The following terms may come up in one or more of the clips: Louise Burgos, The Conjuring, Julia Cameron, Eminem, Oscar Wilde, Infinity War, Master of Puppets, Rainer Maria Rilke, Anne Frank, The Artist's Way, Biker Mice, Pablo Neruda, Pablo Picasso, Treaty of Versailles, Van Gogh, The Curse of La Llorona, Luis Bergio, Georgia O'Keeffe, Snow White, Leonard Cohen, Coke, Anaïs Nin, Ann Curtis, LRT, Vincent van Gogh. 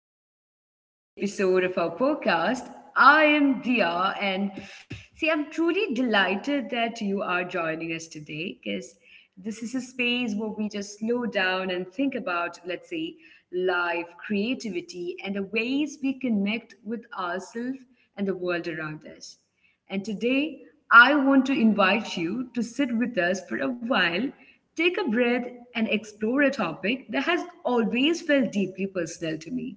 and welcome to this episode of our podcast. I am Dia, and see, I'm truly delighted that you are joining us today because this is a space where we just slow down and think about, let's say, life, creativity, and the ways we connect with ourselves and the world around us. And today, I want to invite you to sit with us for a while, take a breath, and explore a topic that has always felt deeply personal to me.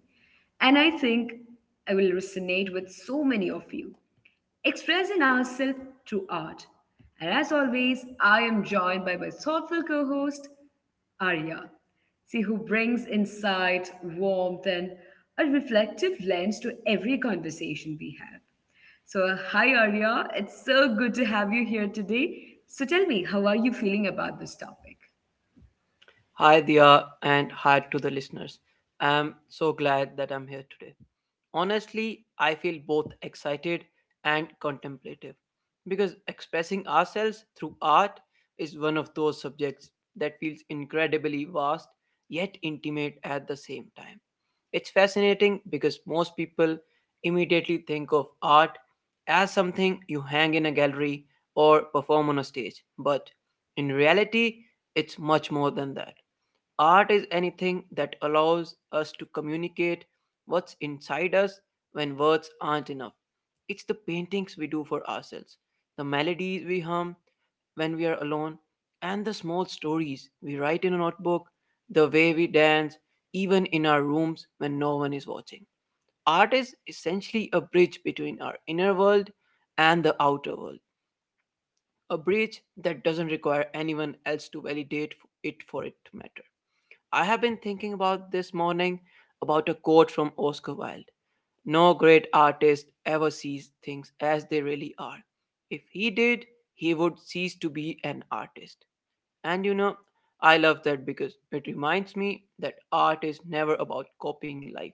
And I think I will resonate with so many of you expressing ourselves through art. And as always, I am joined by my thoughtful co host, Arya. See, who brings insight, warmth, and a reflective lens to every conversation we have. So, hi Arya, it's so good to have you here today. So, tell me, how are you feeling about this topic? Hi, Dia, and hi to the listeners. I'm so glad that I'm here today. Honestly, I feel both excited and contemplative because expressing ourselves through art is one of those subjects that feels incredibly vast yet intimate at the same time. It's fascinating because most people immediately think of art as something you hang in a gallery or perform on a stage, but in reality, it's much more than that. Art is anything that allows us to communicate what's inside us when words aren't enough. It's the paintings we do for ourselves, the melodies we hum when we are alone, and the small stories we write in a notebook, the way we dance, even in our rooms when no one is watching. Art is essentially a bridge between our inner world and the outer world, a bridge that doesn't require anyone else to validate it for it to matter. I have been thinking about this morning about a quote from Oscar Wilde. "No great artist ever sees things as they really are. If he did, he would cease to be an artist." And I love that because it reminds me that art is never about copying life.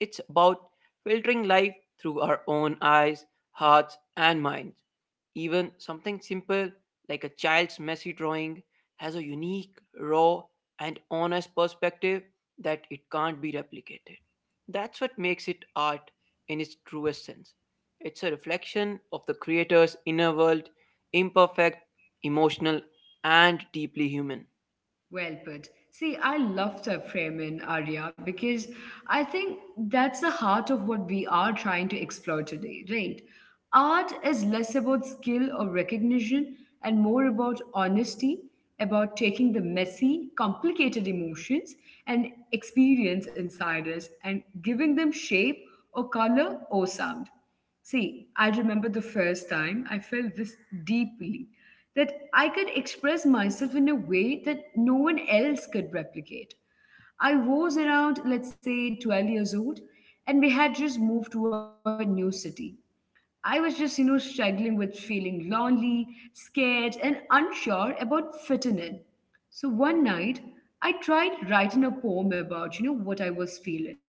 It's about filtering life through our own eyes, hearts, and minds. Even something simple like a child's messy drawing has a unique, raw, and honest perspective that it can't be replicated. That's what makes it art in its truest sense. It's a reflection of the creator's inner world, imperfect, emotional, and deeply human. Well put. See, I love that framing, Arya, because I think that's the heart of what we are trying to explore today, right? Art is less about skill or recognition and more about honesty, about taking the messy, complicated emotions and experience inside us and giving them shape or color or sound. See, I remember the first time I felt this deeply that I could express myself in a way that no one else could replicate. I was around, let's say, 12 years old, and we had just moved to a new city. I was just, struggling with feeling lonely, scared, and unsure about fitting in. So one night, I tried writing a poem about what I was feeling.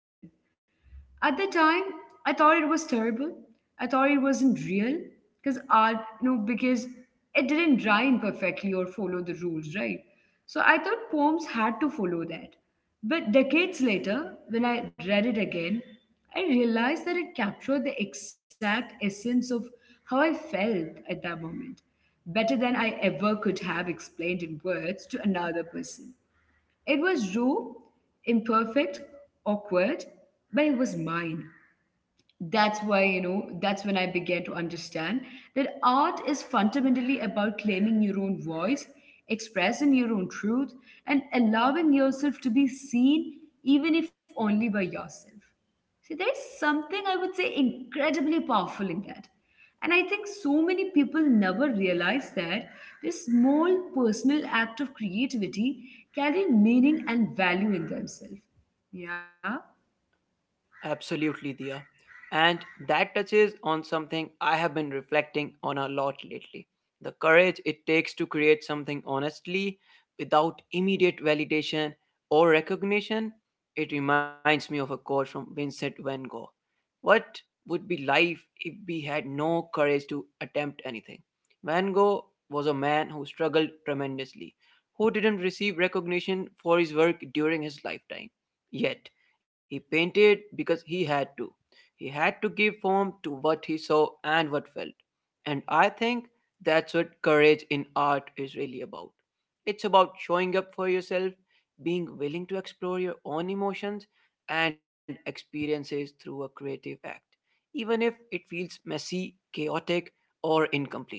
At the time, I thought it was terrible. I thought it wasn't real because art, you know, because it didn't rhyme perfectly or follow the rules, right? So I thought poems had to follow that. But decades later, when I read it again, I realized that it captured the exact essence of how I felt at that moment, better than I ever could have explained in words to another person. It was raw, imperfect, awkward, but it was mine. That's why you know That's when I began to understand that art is fundamentally about claiming your own voice, expressing your own truth, and allowing yourself to be seen, even if only by yourself. See, there's something I would say incredibly powerful in that. And I think so many people never realize that this small personal act of creativity carry meaning and value in themselves. Yeah. Absolutely, Dia. And that touches on something I have been reflecting on a lot lately, the courage it takes to create something honestly without immediate validation or recognition. It reminds me of a quote from Vincent van Gogh. "What would be life if we had no courage to attempt anything?" Van Gogh was a man who struggled tremendously, who didn't receive recognition for his work during his lifetime. Yet, he painted because he had to. He had to give form to what he saw and what felt. And I think that's what courage in art is really about. It's about showing up for yourself, being willing to explore your own emotions and experiences through a creative act, even if it feels messy, chaotic, or incomplete.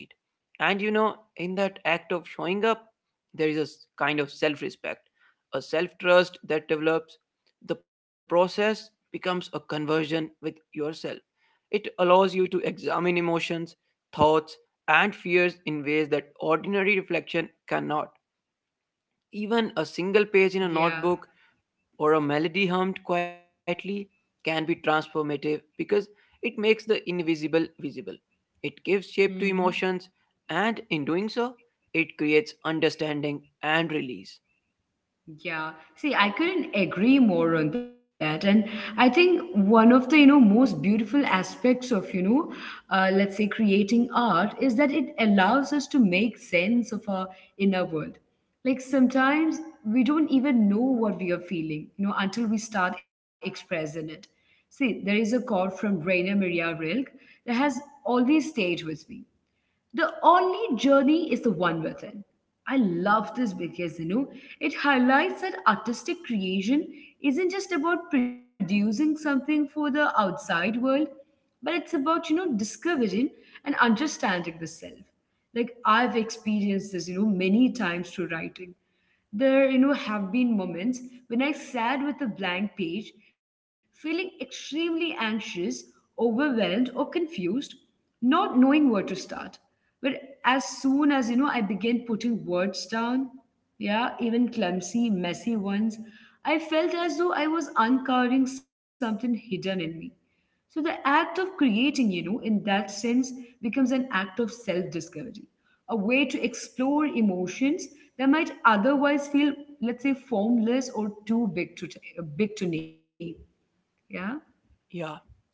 And in that act of showing up, there is a kind of self respect, a self trust that develops. The process becomes a conversion with yourself. It allows you to examine emotions, thoughts, and fears in ways that ordinary reflection cannot. Even a single page in a Yeah. notebook or a melody hummed quietly can be transformative because it makes the invisible visible. It gives shape to Hmm. emotions, and in doing so, it creates understanding and release. Yeah, see, I couldn't agree more on that. And I think one of the most beautiful aspects of let's say creating art is that it allows us to make sense of our inner world. Like sometimes we don't even know what we are feeling, until we start expressing it. See, there is a quote from Rainer Maria Rilke that has always stayed with me. The only journey is the one within. I love this because it highlights that artistic creation isn't just about producing something for the outside world, but it's about discovering and understanding the self. Like I've experienced this many times through writing. There have been moments when I sat with a blank page, feeling extremely anxious, overwhelmed, or confused, not knowing where to start. But as soon as I began putting words down, yeah, even clumsy messy ones, I felt as though I was uncovering something hidden in me. So the act of creating, in that sense, becomes an act of self discovery, a way to explore emotions that might otherwise feel, let's say, formless, or too big to name. Yeah. Yeah.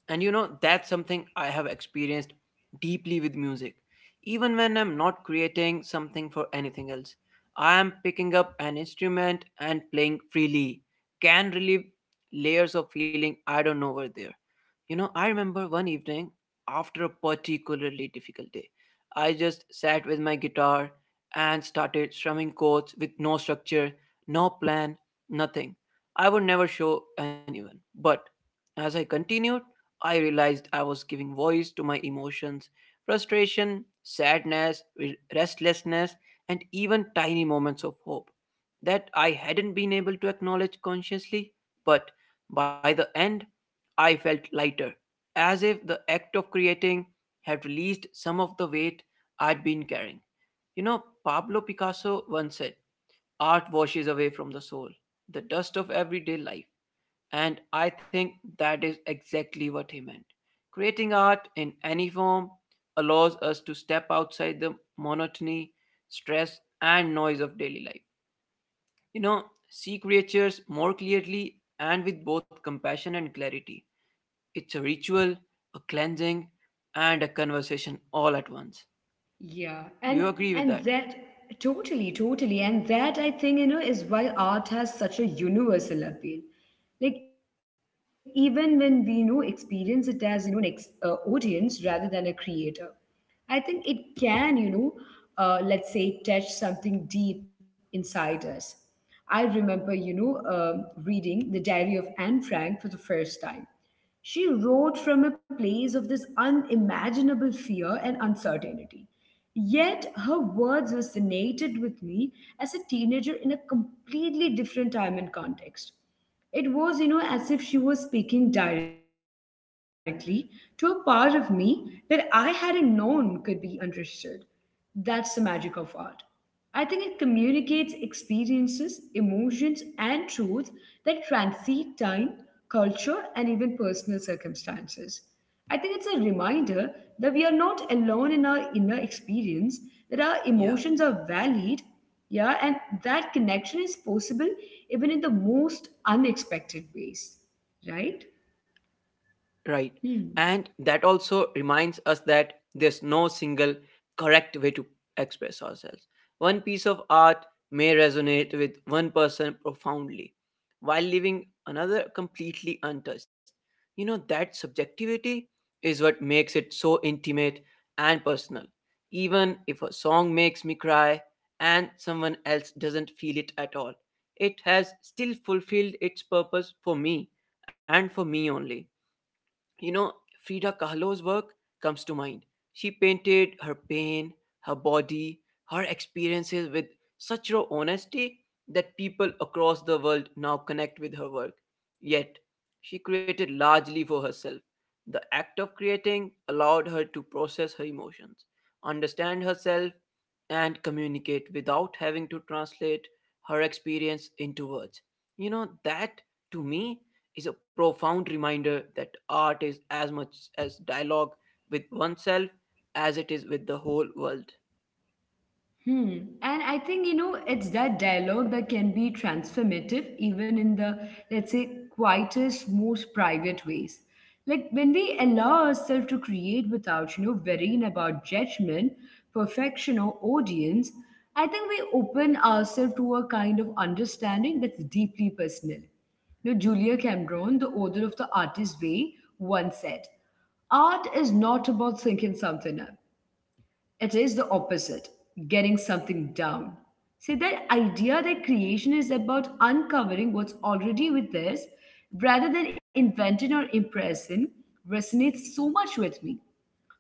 And that's something I have experienced deeply with music. Even when I'm not creating something for anything else, I am picking up an instrument and playing freely. Can relieve layers of feeling I don't know were there. You know, I remember one evening after a particularly difficult day, I just sat with my guitar and started strumming chords with no structure, no plan, nothing. I would never show anyone. But as I continued, I realized I was giving voice to my emotions: frustration, sadness, restlessness, and even tiny moments of hope that I hadn't been able to acknowledge consciously. But by the end, I felt lighter, as if the act of creating had released some of the weight I'd been carrying. You know, Pablo Picasso once said, "Art washes away from the soul the dust of everyday life," and I think that is exactly what he meant. Creating art in any form allows us to step outside the monotony, stress, and noise of daily life. You know, see creatures more clearly and with both compassion and clarity. It's a ritual, a cleansing, and a conversation all at once. Yeah, Do and you agree with and that? that totally, totally, and that I think is why art has such a universal appeal. Like even when we experience it as an audience rather than a creator, I think it can, let's say, touch something deep inside us. I remember reading the Diary of Anne Frank for the first time. She wrote from a place of this unimaginable fear and uncertainty. Yet her words resonated with me as a teenager in a completely different time and context. It was as if she was speaking directly to a part of me that I hadn't known could be understood. That's the magic of art. I think it communicates experiences, emotions, and truths that transcend time, culture, and even personal circumstances. I think it's a reminder that we are not alone in our inner experience, that our emotions Yeah. are valid, yeah, and that connection is possible even in the most unexpected ways, right? Right. Hmm. And that also reminds us that there's no single correct way to express ourselves. One piece of art may resonate with one person profoundly, while leaving another completely untouched. You know, that subjectivity is what makes it so intimate and personal. Even if a song makes me cry and someone else doesn't feel it at all, it has still fulfilled its purpose for me and for me only. You know, Frida Kahlo's work comes to mind. She painted her pain, her body, her experiences with such raw honesty that people across the world now connect with her work. Yet, she created largely for herself. The act of creating allowed her to process her emotions, understand herself, and communicate without having to translate her experience into words. You know, that to me is a profound reminder that art is as much as dialogue with oneself as it is with the whole world. Hmm. And I think it's that dialogue that can be transformative, even in the, let's say, quietest, most private ways. Like when we allow ourselves to create without worrying about judgment, perfection, or audience, I think we open ourselves to a kind of understanding that's deeply personal. Julia Cameron, the author of The Artist's Way, once said, "Art is not about thinking something up. It is the opposite, getting something down." See, that idea that creation is about uncovering what's already with us rather than inventing or impressing resonates so much with me.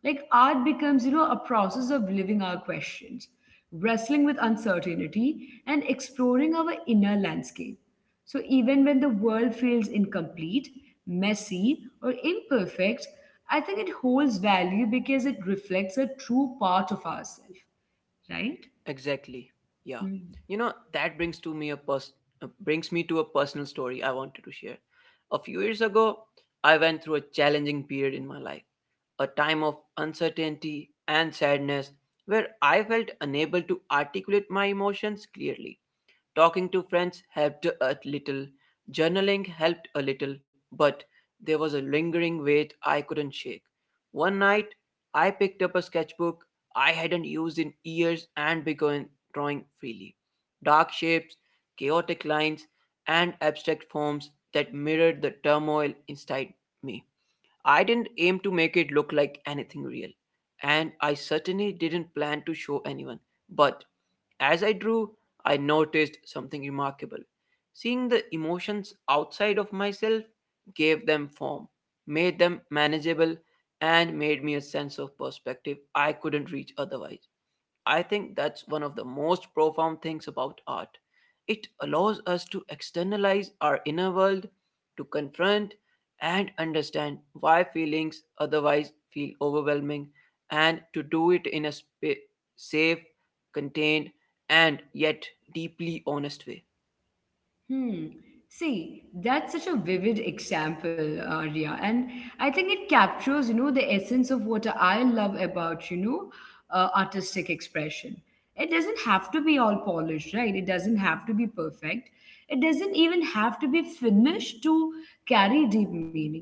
Like art becomes a process of living our questions, wrestling with uncertainty, and exploring our inner landscape. So even when the world feels incomplete, messy, or imperfect, I think it holds value because it reflects a true part of ourselves, right? Exactly. Yeah. You know, that brings me to a personal story I wanted to share. A few years ago, I went through a challenging period in my life, a time of uncertainty and sadness where I felt unable to articulate my emotions clearly. Talking to friends helped a little, journaling helped a little, but there was a lingering weight I couldn't shake. One night, I picked up a sketchbook I hadn't used in years and began drawing freely. Dark shapes, chaotic lines, and abstract forms that mirrored the turmoil inside me. I didn't aim to make it look like anything real, and I certainly didn't plan to show anyone, but as I drew, I noticed something remarkable. Seeing the emotions outside of myself gave them form, made them manageable, and made me a sense of perspective I couldn't reach otherwise. I think that's one of the most profound things about art. It allows us to externalize our inner world, to confront and understand why feelings otherwise feel overwhelming, and to do it in a safe, contained, and yet deeply honest way. Hmm. See, that's such a vivid example, Arya, and I think it captures the essence of what I love about artistic expression. It doesn't have to be all polished, right? It doesn't have to be perfect. It doesn't even have to be finished to carry deep meaning.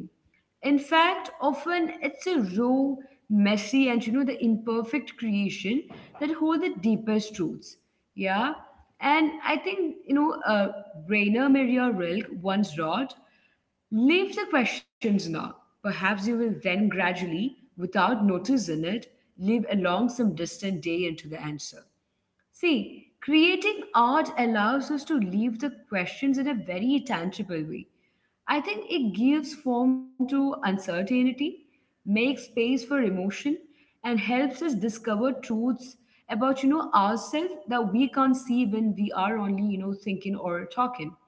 In fact, often it's a raw, messy, and the imperfect creation that hold the deepest truths. Yeah. And I think, Rainer Maria Rilke once wrote, "Leave the questions now. Perhaps you will then gradually, without noticing it, live along some distant day into the answer." See, creating art allows us to leave the questions in a very tangible way. I think it gives form to uncertainty, makes space for emotion, and helps us discover truths about ourselves that we can't see when we are only thinking or talking.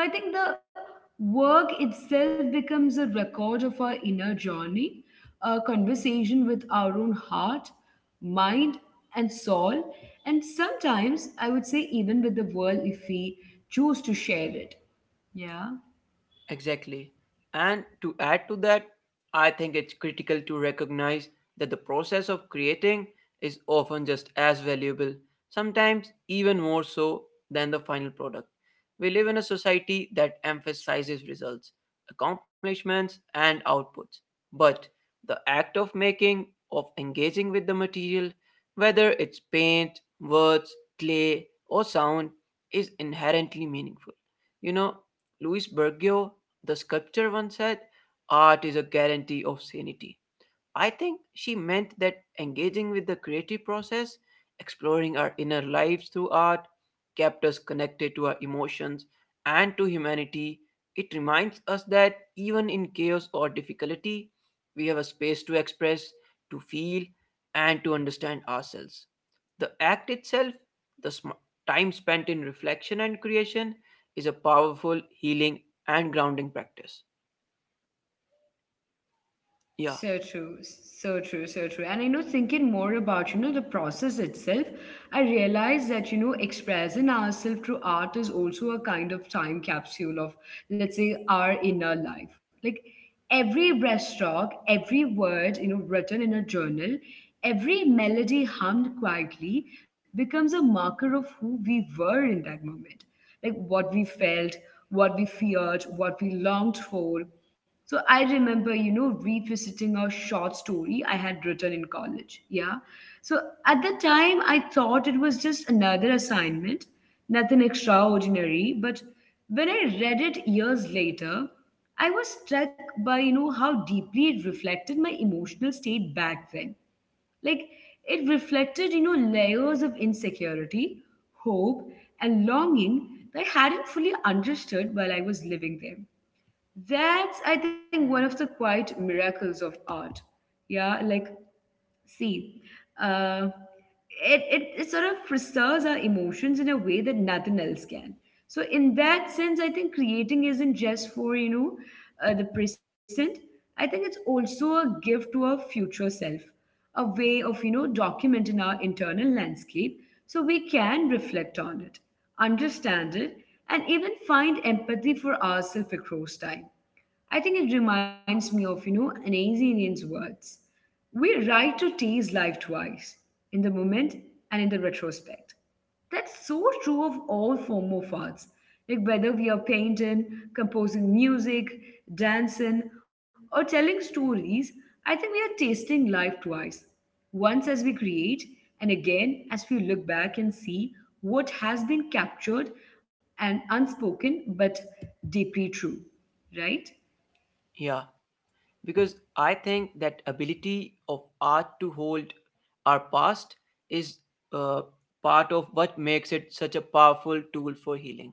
So I think the work itself becomes a record of our inner journey, a conversation with our own heart, mind, and soul, and sometimes I would say even with the world if we choose to share it. Yeah. Exactly. And to add to that, I think it's critical to recognize that the process of creating is often just as valuable, sometimes even more so than the final product. We live in a society that emphasizes results, accomplishments, and outputs. But the act of making, of engaging with the material, whether it's paint, words, clay, or sound, is inherently meaningful. You know, Luis Bergio the sculpture once said, "Art is a guarantee of sanity." I think she meant that engaging with the creative process, exploring our inner lives through art, kept us connected to our emotions and to humanity. It reminds us that even in chaos or difficulty, we have a space to express, to feel, and to understand ourselves. The act itself, the time spent in reflection and creation, is a powerful, healing, and grounding practice. Yeah, So true, so true, so true. And thinking more about the process itself, I realized that expressing ourselves through art is also a kind of time capsule of, let's say, our inner life. Like every breaststroke, every word written in a journal, every melody hummed quietly becomes a marker of who we were in that moment, like what we felt, what we feared, what we longed for. So I remember revisiting a short story I had written in college. Yeah, so at the time, I thought it was just another assignment, nothing extraordinary. But when I read it years later, I was struck by how deeply it reflected my emotional state back then. Like it reflected layers of insecurity, hope, and longing that I hadn't fully understood while I was living there. That's, I think, one of the quite miracles of art. Yeah, like, see, uh, it sort of preserves our emotions in a way that nothing else can. So, in that sense, I think creating isn't just for the present. I think it's also a gift to our future self, a way of documenting our internal landscape so we can reflect on it, understand it, and even find empathy for ourselves across time. I think it reminds me of an Indian's words. We write to tease life twice, in the moment and in the retrospect. That's so true of all form of arts, like whether we are painting, composing music, dancing, or telling stories. I think we are tasting life twice. Once as we create, and again as we look back and see what has been captured and unspoken but deeply true, right? yeah, because I think that ability of art to hold our past is uh, part of what makes it such a powerful tool for healing.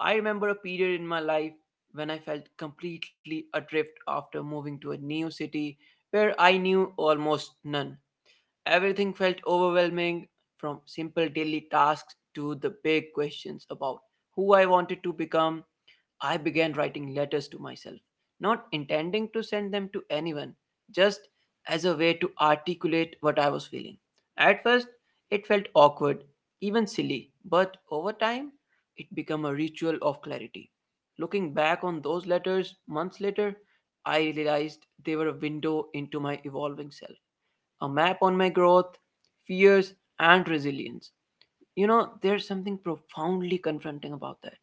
I remember a period in my life when I felt completely adrift after moving to a new city where I knew almost none. Everything felt overwhelming from simple daily tasks to the big questions about who I wanted to become. I began writing letters to myself, not intending to send them to anyone, just as a way to articulate what I was feeling. At first, it felt awkward, even silly, but over time, it became a ritual of clarity. Looking back on those letters months later, I realized they were a window into my evolving self, a map on my growth, fears, and resilience. You know, there's something profoundly confronting about that.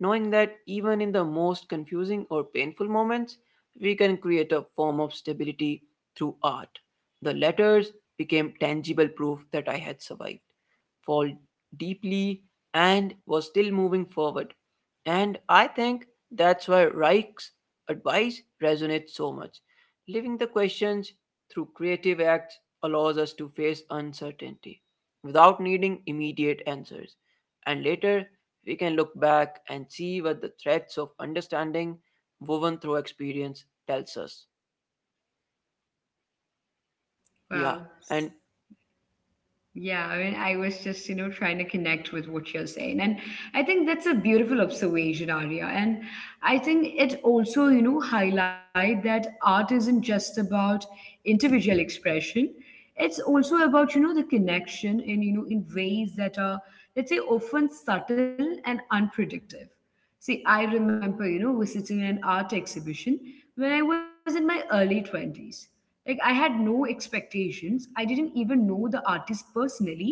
Knowing that even in the most confusing or painful moments, we can create a form of stability through art. The letters became tangible proof that I had survived, fall deeply, and was still moving forward. And I think that's why Reich's advice resonates so much. Living the questions through creative acts allows us to face uncertainty without needing immediate answers. And later, we can look back and see what the threads of understanding woven through experience tells us. Yeah, Wow. and Yeah, I mean, I was just, trying to connect with what you're saying. And I think that's a beautiful observation, Arya. And I think it also highlight that art isn't just about individual expression. It's also about the connection in ways that are, let's say, often subtle and unpredictable. See, I remember visiting an art exhibition when I was in my early 20s. Like, I had no expectations. I didn't even know the artist personally.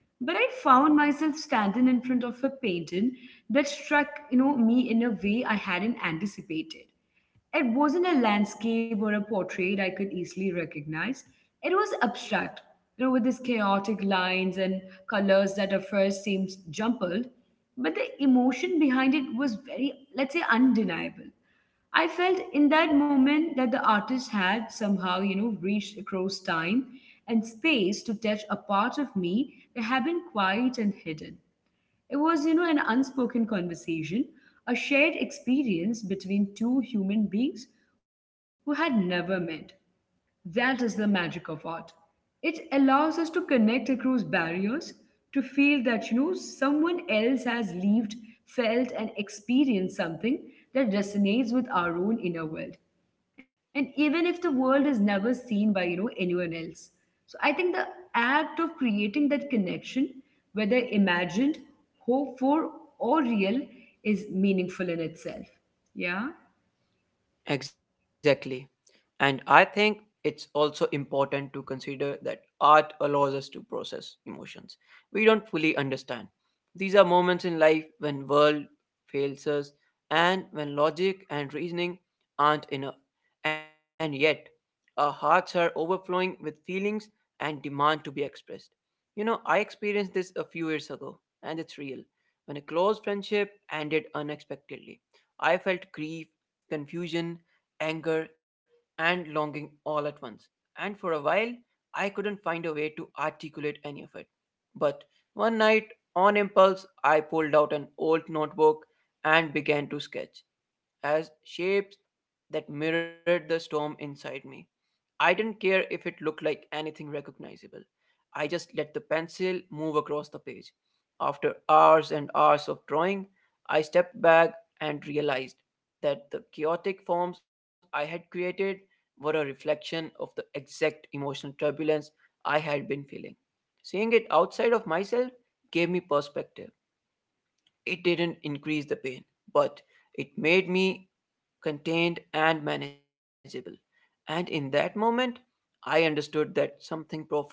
But I found myself standing in front of a painting that struck me in a way I hadn't anticipated. It wasn't a landscape or a portrait I could easily recognize. It was abstract with these chaotic lines and colors that at first seems jumbled, but the emotion behind it was very, let's say, undeniable. I felt in that moment that the artist had somehow reached across time and space to touch a part of me that had been quiet and hidden. It was an unspoken conversation, a shared experience between two human beings who had never met. That is the magic of art. It allows us to connect across barriers, to feel that someone else has lived, felt, and experienced something that resonates with our own inner world. And even if the world is never seen by anyone else. So I think the act of creating that connection, whether imagined, hoped for, or real, is meaningful in itself. Yeah. Exactly. And I think it's also important to consider that art allows us to process emotions we don't fully understand. These are moments in life when world fails us and when logic and reasoning aren't enough. And yet, our hearts are overflowing with feelings and demand to be expressed. You know, I experienced this a few years ago, and it's real. When a close friendship ended unexpectedly, I felt grief, confusion, anger, and longing all at once. And for a while, I couldn't find a way to articulate any of it. But one night, on impulse, I pulled out an old notebook and began to sketch as shapes that mirrored the storm inside me. I didn't care if it looked like anything recognizable. I just let the pencil move across the page. After hours and hours of drawing, I stepped back and realized that the chaotic forms I had created were a reflection of the exact emotional turbulence I had been feeling. Seeing it outside of myself gave me perspective. It didn't increase the pain, but it made me contained and manageable. And in that moment, I understood that something profound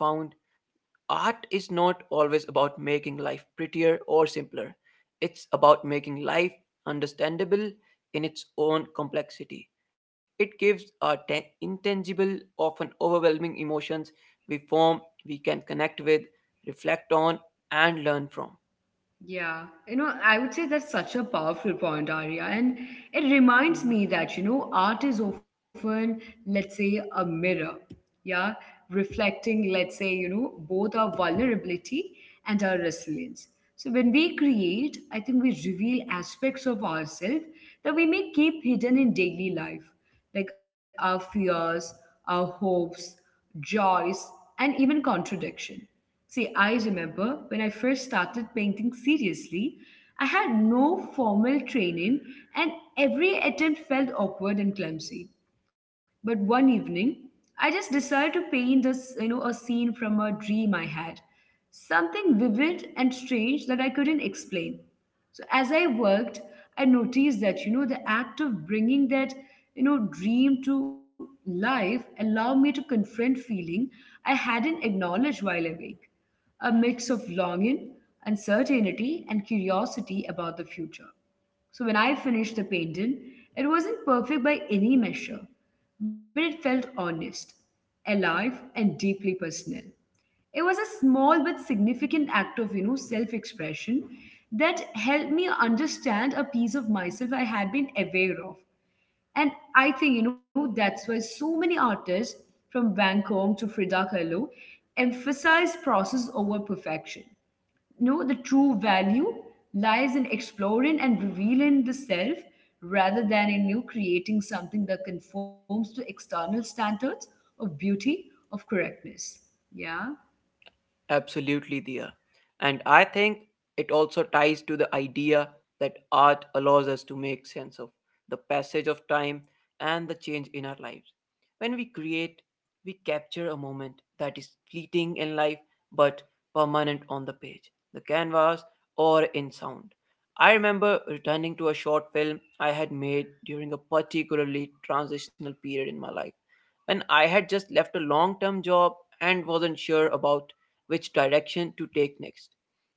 art is not always about making life prettier or simpler, it's about making life understandable in its own complexity. It gives our intangible, often overwhelming emotions we form, we can connect with, reflect on, and learn from. Yeah I would say that's such a powerful point, Arya. And it reminds Hmm. me that art is often, let's say, a mirror. Yeah, reflecting, let's say both our vulnerability and our resilience. So when we create, I think we reveal aspects of ourselves that we may keep hidden in daily life, like our fears, our hopes, joys, and even contradiction. See, I remember when I first started painting seriously, I had no formal training and every attempt felt awkward and clumsy. But one evening, I just decided to paint a, s- you know, a scene from a dream I had. Something vivid and strange that I couldn't explain. So as I worked, I noticed that the act of bringing that dream to life allowed me to confront feeling I hadn't acknowledged while awake. A mix of longing, uncertainty, and curiosity about the future. So when I finished the painting, it wasn't perfect by any measure, but it felt honest, alive, and deeply personal. It was a small but significant act of self-expression that helped me understand a piece of myself I had been aware of. And I think that's why so many artists from Van Gogh to Frida Kahlo emphasize process over perfection. No, the true value lies in exploring and revealing the self rather than in you creating something that conforms to external standards of beauty, of correctness. Yeah. Absolutely, Dia. And I think it also ties to the idea that art allows us to make sense of the passage of time and the change in our lives. When we create, we capture a moment that is fleeting in life but permanent on the page, the canvas, or in sound. I remember returning to a short film I had made during a particularly transitional period in my life when I had just left a long term job and wasn't sure about which direction to take next.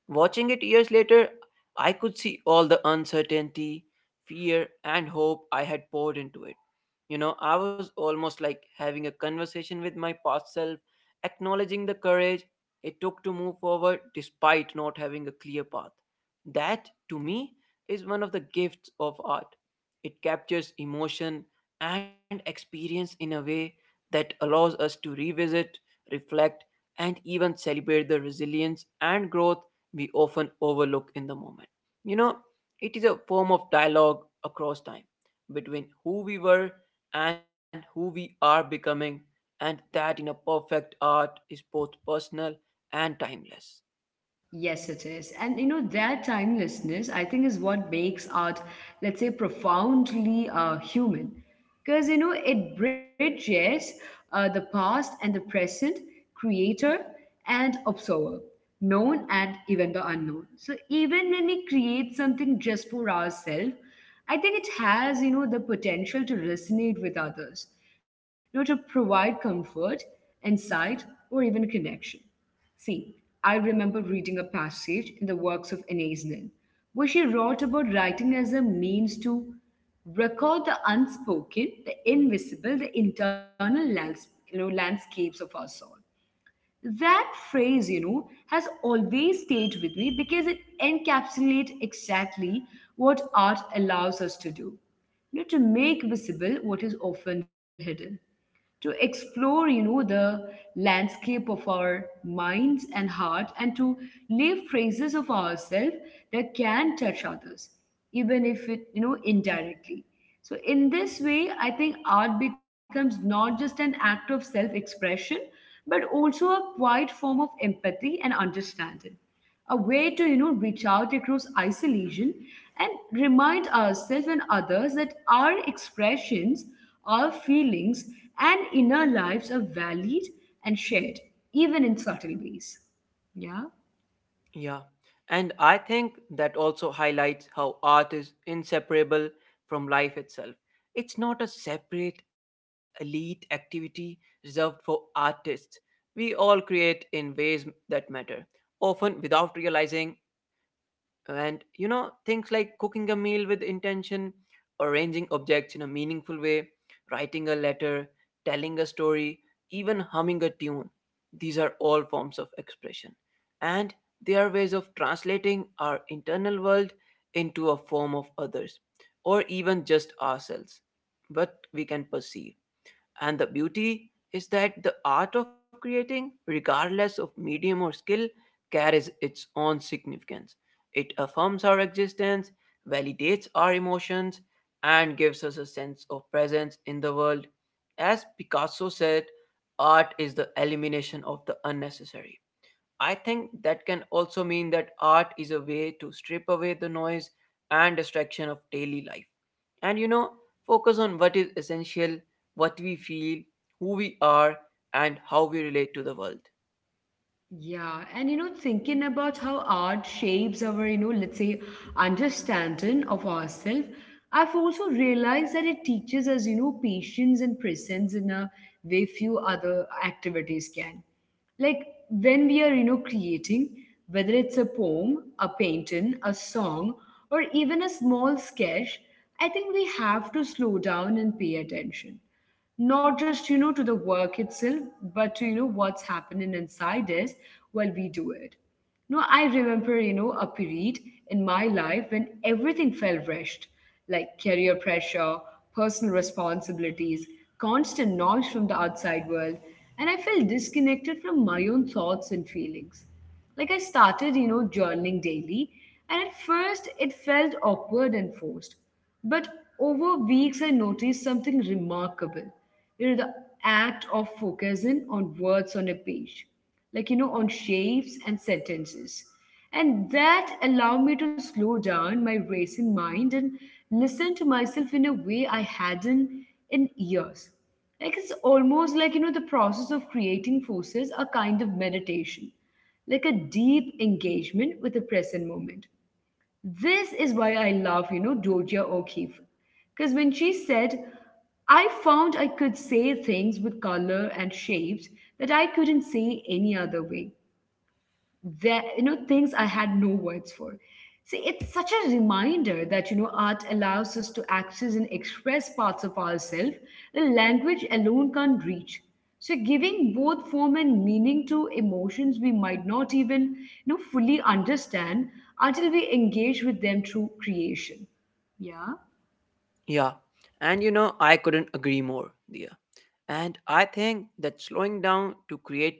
Watching it years later, I could see all the uncertainty, fear, and hope I had poured into it. You know, I was almost like having a conversation with my past self, acknowledging the courage it took to move forward despite not having a clear path. That, to me, is one of the gifts of art. It captures emotion and experience in a way that allows us to revisit, reflect, and even celebrate the resilience and growth we often overlook in the moment. You know, it is a form of dialogue across time between who we were and who we are becoming, and that in a perfect art is both personal and timeless. Yes, it is. And that timelessness, I think, is what makes art, let's say, profoundly human. Because it bridges the past and the present, creator and observer, known and even the unknown. So, even when we create something just for ourselves, I think it has the potential to resonate with others to provide comfort, insight, or even connection. See, I remember reading a passage in the works of Anais where she wrote about writing as a means to record the unspoken, the invisible, the internal landscapes of our soul. That phrase has always stayed with me because it encapsulates exactly what art allows us to do. To make visible what is often hidden, to explore the landscape of our minds and heart, and to live phrases of ourselves that can touch others, even if it indirectly. So in this way, I think art becomes not just an act of self expression, but also a quiet form of empathy and understanding, a way to reach out across isolation and remind ourselves and others that our expressions, our feelings, and inner lives are valid and shared, even in subtle ways. Yeah. Yeah, and I think that also highlights how art is inseparable from life itself. It's not a separate elite activity reserved for artists. We all create in ways that matter, often without realizing, and you know things like cooking a meal with intention, arranging objects in a meaningful way, writing a letter, telling a story, even humming a tune, these are all forms of expression, and they are ways of translating our internal world into a form of others or even just ourselves, what we can perceive. And the beauty is that the art of creating, regardless of medium or skill, carries its own significance. It affirms our existence, validates our emotions, and gives us a sense of presence in the world. As Picasso said, art is the elimination of the unnecessary. I think that can also mean that art is a way to strip away the noise and distraction of daily life. And you know, focus on what is essential, what we feel, who we are, and how we relate to the world. Yeah, and thinking about how art shapes our let's say, understanding of ourselves, I've also realized that it teaches us patience and presence in a way few other activities can. Like when we are creating, whether it's a poem, a painting, a song, or even a small sketch, I think we have to slow down and pay attention, not just to the work itself, but to what's happening inside us while we do it. No, I remember a period in my life when everything felt rushed, like career pressure, personal responsibilities, constant noise from the outside world, and I felt disconnected from my own thoughts and feelings. Like, I started journaling daily, and at first it felt awkward and forced, but over weeks, I noticed something remarkable. The act of focusing on words on a page, like on shapes and sentences. And that allowed me to slow down my racing mind and listen to myself in a way I hadn't in years. Like, it's almost like the process of creating forces a kind of meditation, like a deep engagement with the present moment. This is why I love Georgia O'Keeffe. Because when she said, I found I could say things with color and shapes that I couldn't say any other way, there things I had no words for. See, it's such a reminder that art allows us to access and express parts of ourselves the language alone can't reach, so giving both form and meaning to emotions we might not even fully understand until we engage with them through creation. Yeah. Yeah. And you know, I couldn't agree more, Dia. And I think that slowing down to create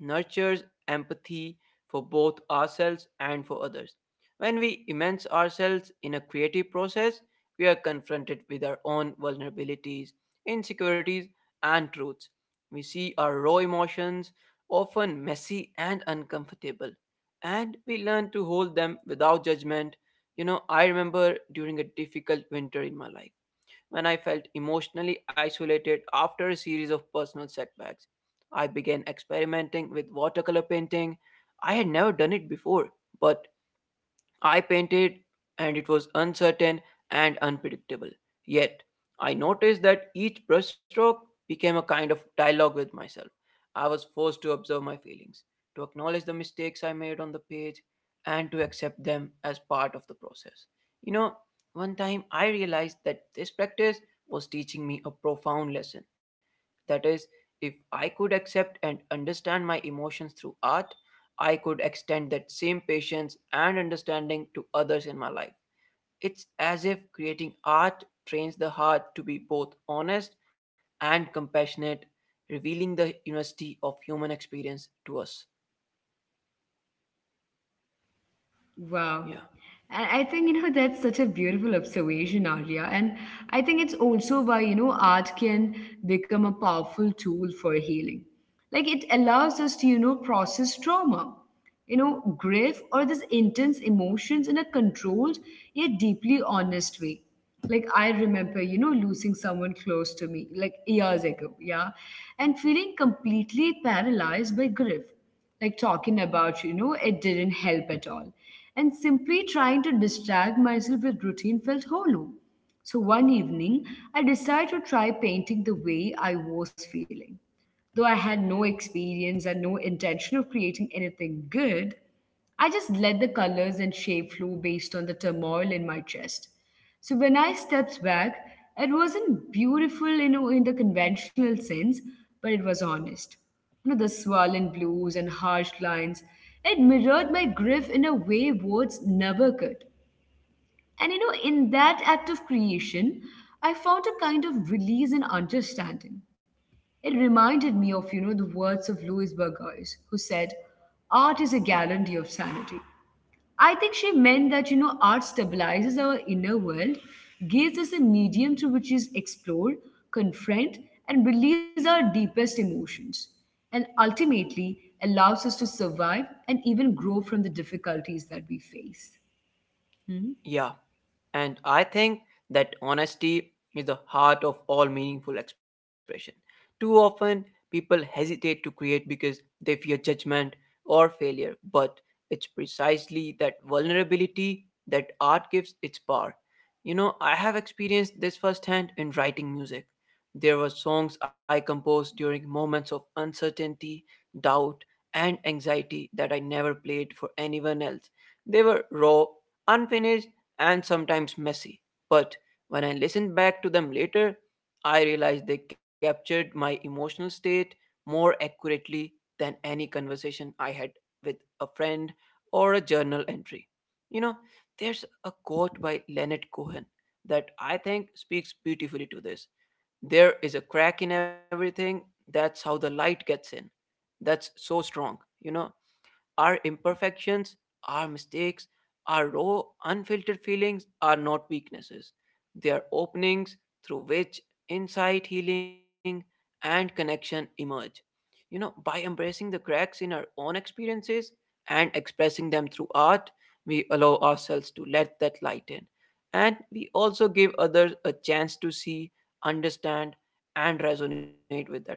nurtures empathy for both ourselves and for others. When we immerse ourselves in a creative process, we are confronted with our own vulnerabilities, insecurities, and truths. We see our raw emotions, often messy and uncomfortable, and we learn to hold them without judgment. You know, I remember during a difficult winter in my life when I felt emotionally isolated after a series of personal setbacks. I began experimenting with watercolor painting. I had never done it before, but I painted and it was uncertain and unpredictable. Yet, I noticed that each brushstroke became a kind of dialogue with myself. I was forced to observe my feelings, to acknowledge the mistakes I made on the page, and to accept them as part of the process. You know, one time I realized that this practice was teaching me a profound lesson. That is, if I could accept and understand my emotions through art, I could extend that same patience and understanding to others in my life. It's as if creating art trains the heart to be both honest and compassionate, revealing the university of human experience to us. Wow. Yeah. And I think that's such a beautiful observation, Arya. And I think it's also why art can become a powerful tool for healing. Like, it allows us to process trauma, you know, grief, or these intense emotions in a controlled yet deeply honest way. Like, I remember losing someone close to me, like years ago. Yeah. And feeling completely paralyzed by grief. Like talking about it didn't help at all, and simply trying to distract myself with routine felt hollow. So one evening, I decided to try painting the way I was feeling. Though I had no experience and no intention of creating anything good, I just let the colors and shape flow based on the turmoil in my chest. So when I stepped back, it wasn't beautiful in the conventional sense, but it was honest. The swollen blues and harsh lines, it mirrored my grief in a way words never could. And in that act of creation, I found a kind of release and understanding. It reminded me of the words of Louise Burgos, who said, Art is a guarantee of sanity. I think she meant that art stabilizes our inner world, gives us a medium through which is explored, confront, and release our deepest emotions, and ultimately allows us to survive and even grow from the difficulties that we face. Hmm? Yeah, and I think that honesty is the heart of all meaningful expression. Too often, people hesitate to create because they fear judgment or failure, but it's precisely that vulnerability that art gives its power. You know, I have experienced this firsthand in writing music. There were songs I composed during moments of uncertainty, doubt, and anxiety that I never played for anyone else. They were raw, unfinished, and sometimes messy. But when I listen back to them later, I realize they captured my emotional state more accurately than any conversation I had with a friend or a journal entry. You know, there's a quote by Leonard Cohen that I think speaks beautifully to this. There is a crack in everything, that's how the light gets in. That's so strong, you know. Our imperfections, our mistakes, our raw, unfiltered feelings are not weaknesses. They are openings through which insight, healing, and connection emerge. You know, by embracing the cracks in our own experiences and expressing them through art, we allow ourselves to let that light in. And we also give others a chance to see, understand, and resonate with that light.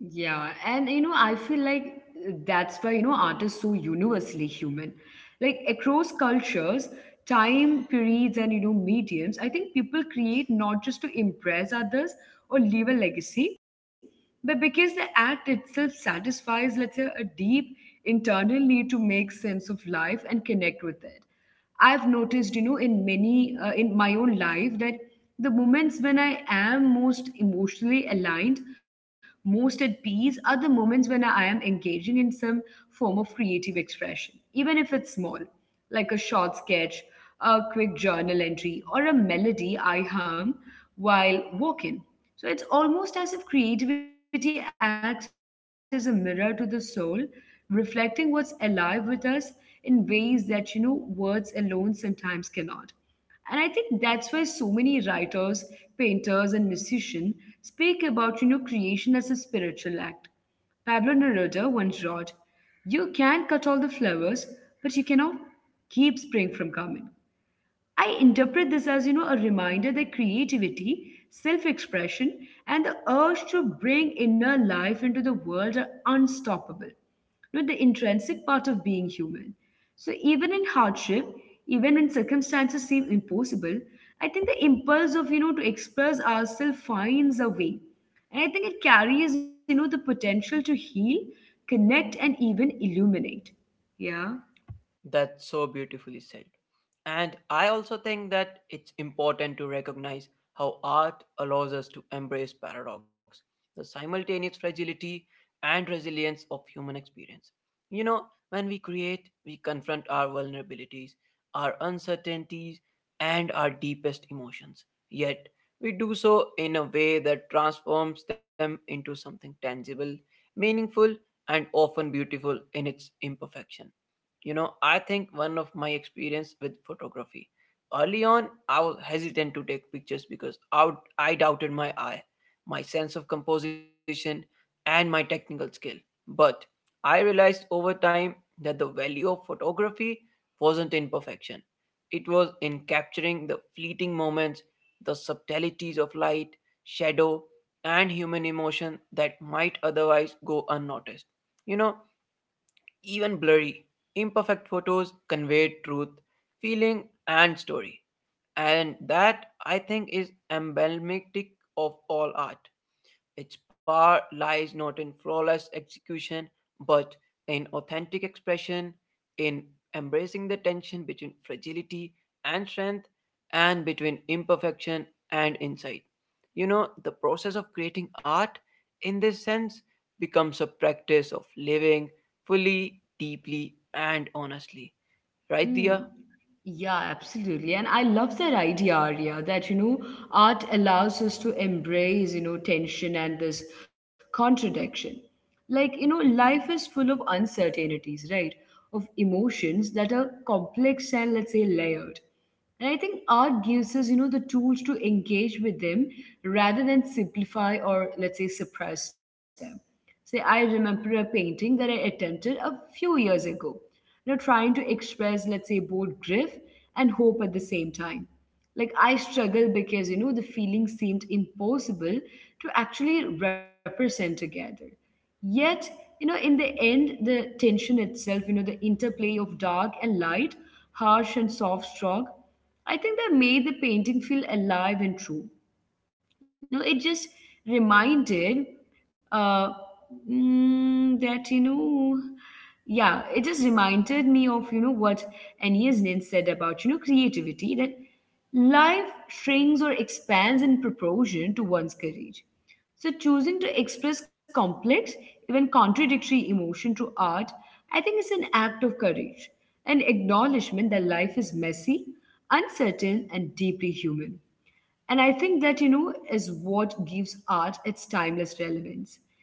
Yeah, and I feel like that's why art is so universally human. Like across cultures, time periods, and mediums, I think people create not just to impress others or leave a legacy, but because the act itself satisfies, let's say, a deep internal need to make sense of life and connect with it. I've noticed in my own life, that the moments when I am most emotionally aligned, most at peace, are the moments when I am engaging in some form of creative expression, even if it's small, like a short sketch, a quick journal entry, or a melody I hum while walking. So it's almost as if creativity acts as a mirror to the soul, reflecting what's alive with us in ways that words alone sometimes cannot. And I think that's why so many writers, painters, and musicians speak about creation as a spiritual act. Pablo Neruda once wrote, You can cut all the flowers, but you cannot keep spring from coming. I interpret this as a reminder that creativity, self-expression, and the urge to bring inner life into the world are unstoppable. The intrinsic part of being human. So even in hardship, even when circumstances seem impossible, I think the impulse to express ourselves finds a way. And I think it carries the potential to heal, connect, and even illuminate. Yeah. That's so beautifully said. And I also think that it's important to recognize how art allows us to embrace paradox, the simultaneous fragility and resilience of human experience. You know, when we create, we confront our vulnerabilities, our uncertainties, and our deepest emotions. Yet, we do so in a way that transforms them into something tangible, meaningful, and often beautiful in its imperfection. You know, I think one of my experience with photography, early on I was hesitant to take pictures because I doubted my eye, my sense of composition, and my technical skill. But I realized over time that the value of photography wasn't in perfection, it was in capturing the fleeting moments, the subtleties of light, shadow, and human emotion that might otherwise go unnoticed. You know, even blurry, imperfect photos convey truth, feeling, and story. And that, I think, is emblematic of all art. Its power lies not in flawless execution, but in authentic expression, in embracing the tension between fragility and strength, and between imperfection and insight. You know, the process of creating art, in this sense, becomes a practice of living fully, deeply, and honestly. Right, Hmm. Dia? Yeah, absolutely. And I love that idea, Arya, that art allows us to embrace tension and this contradiction. Like life is full of uncertainties, right? Of emotions that are complex and, let's say, layered. And I think art gives us the tools to engage with them rather than simplify or, let's say, suppress them. Say, I remember a painting that I attempted a few years ago, you know, trying to express, let's say, both grief and hope at the same time. Like I struggle because, you know, the feeling seemed impossible to actually represent together. Yet, you know, in the end the tension itself, you know, the interplay of dark and light, harsh and soft, strong, I think that made the painting feel alive and true. No, it just reminded, uh that, you know, yeah, it just reminded me of, you know what, Aeneas Nin said about, you know, creativity. That life shrinks or expands in proportion to one's courage. So choosing to express complex, even contradictory emotion through art, I think is an act of courage, an acknowledgement that life is messy, uncertain and deeply human. And I think that, you know, is what gives art its timeless relevance.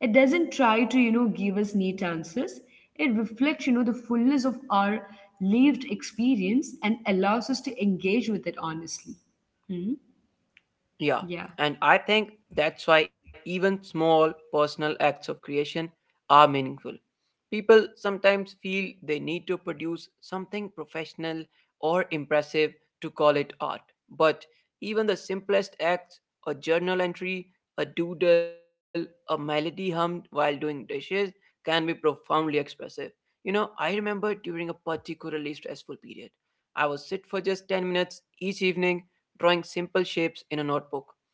It doesn't try to, you know, give us neat answers. It reflects, you know, the fullness of our lived experience and allows us to engage with it honestly. Hmm? Yeah, Yeah. and I think that's why even small personal acts of creation are meaningful. People sometimes feel they need to produce something professional or impressive to call it art. But even the simplest acts, a journal entry, a doodle, a melody hummed while doing dishes, can be profoundly expressive. You know, I remember during a particularly stressful period, I would sit for just 10 minutes each evening drawing simple shapes in a notebook.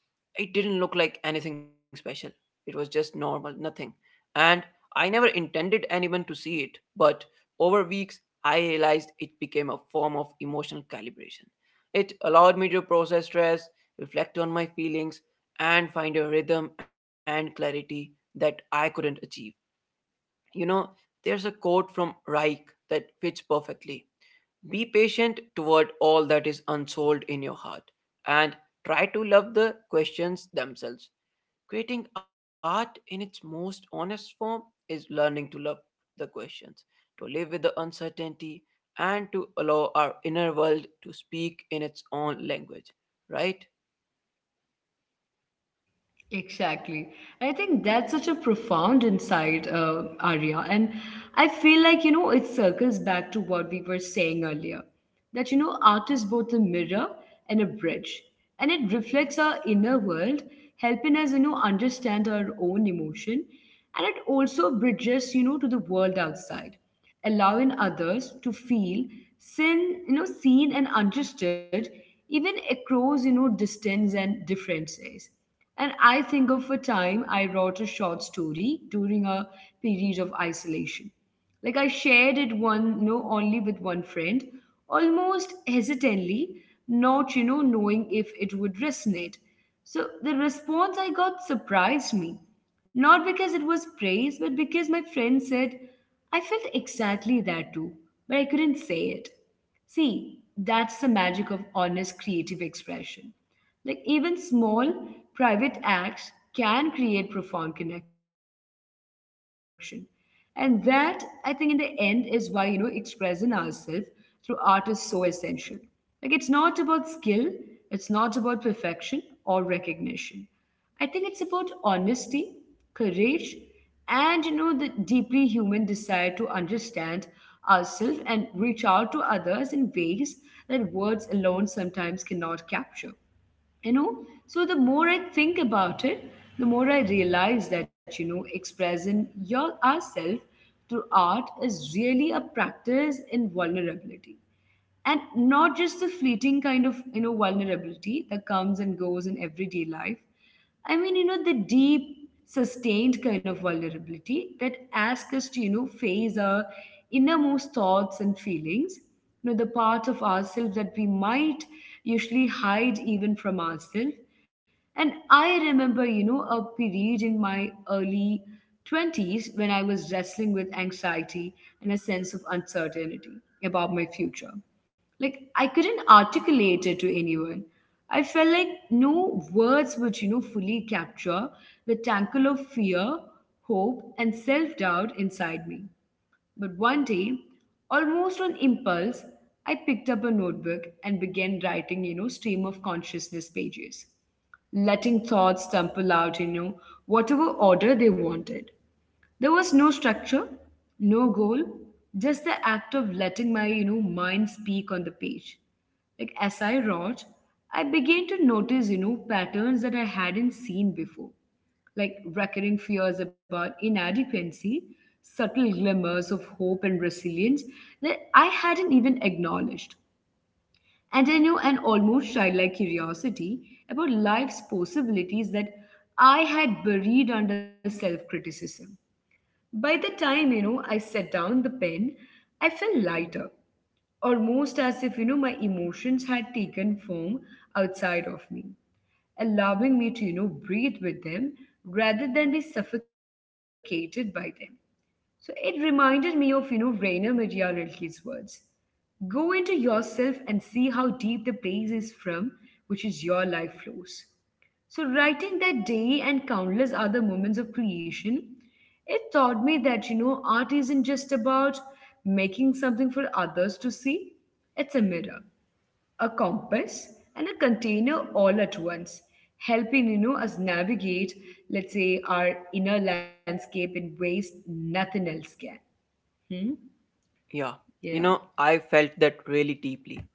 It didn't look like anything special. It was just normal, nothing. And I never intended anyone to see it, but over weeks, I realized it became a form of emotional calibration. It allowed me to process stress, reflect on my feelings, and find a rhythm and clarity that I couldn't achieve. You know, there's a quote from Reich that fits perfectly. Be patient toward all that is unsolved in your heart and try to love the questions themselves. Creating art in its most honest form is learning to love the questions, to live with the uncertainty, and to allow our inner world to speak in its own language, right? Exactly. And I think that's such a profound insight, Arya. And I feel like, you know, it circles back to what we were saying earlier, that, you know, art is both a mirror and a bridge. And it reflects our inner world, helping us, you know, understand our own emotion. And it also bridges, you know, to the world outside, allowing others to feel seen, you know, seen and understood, even across, you know, distance and differences. And I think of a time I wrote a short story during a period of isolation. Like, I shared it one, you know, only with one friend, almost hesitantly, not, you know, knowing if it would resonate. So the response I got surprised me, not because it was praise, but because my friend said, I felt exactly that too, but I couldn't say it. See, that's the magic of honest creative expression. Like even small private acts can create profound connection. And that, I think, in the end, is why, you know, expressing ourselves through art is so essential. Like, it's not about skill, it's not about perfection or recognition. I think it's about honesty, courage, and, you know, the deeply human desire to understand ourselves and reach out to others in ways that words alone sometimes cannot capture. You know, so the more I think about it, the more I realize that, you know, expressing your ourselves through art is really a practice in vulnerability. And not just the fleeting kind of, you know, vulnerability that comes and goes in everyday life. I mean, you know, the deep, sustained kind of vulnerability that asks us to, you know, face our innermost thoughts and feelings, you know, the parts of ourselves that we might usually hide even from ourselves. And I remember, you know, a period in my early 20s when I was wrestling with anxiety and a sense of uncertainty about my future. Like, I couldn't articulate it to anyone. I felt like no words would, you know, fully capture the tangle of fear, hope, and self doubt inside me. But one day, almost on impulse, I picked up a notebook and began writing, you know, stream of consciousness pages, letting thoughts tumble out, you know, whatever order they wanted. There was no structure, no goal, just the act of letting my, you know, mind speak on the page. Like as I wrote, I began to notice, you know, patterns that I hadn't seen before, like recurring fears about inadequacy, subtle glimmers of hope and resilience that I hadn't even acknowledged. And I knew an almost childlike curiosity about life's possibilities that I had buried under self criticism. By the time, you know, I set down the pen, I felt lighter, almost as if, you know, my emotions had taken form outside of me, allowing me to, you know, breathe with them rather than be suffocated by them. So it reminded me of, you know, Rainer Medianelki's words. Go into yourself and see how deep the place is from which is your life flows. So, writing that day and countless other moments of creation, it taught me that, you know, art isn't just about making something for others to see, it's a mirror, a compass, and a container all at once, helping, you know, us navigate, let's say, our inner landscape in ways nothing else can. Hmm? Yeah, you Yeah. know, I felt that really deeply.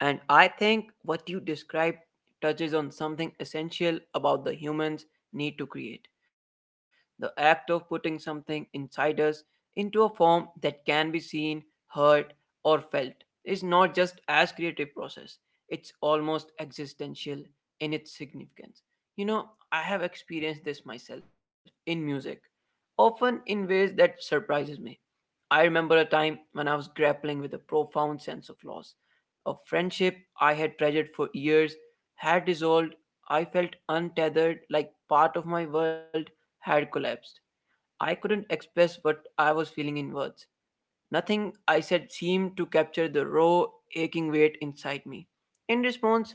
And I think what you describe touches on something essential about the humans need to create. The act of putting something inside us into a form that can be seen, heard, or felt is not just as creative process. It's almost existential in its significance. You know, I have experienced this myself in music, often in ways that surprises me. I remember a time when I was grappling with a profound sense of loss. A friendship I had treasured for years had dissolved. I felt untethered, like part of my world had collapsed. I couldn't express what I was feeling in words. Nothing I said seemed to capture the raw, aching weight inside me. In response,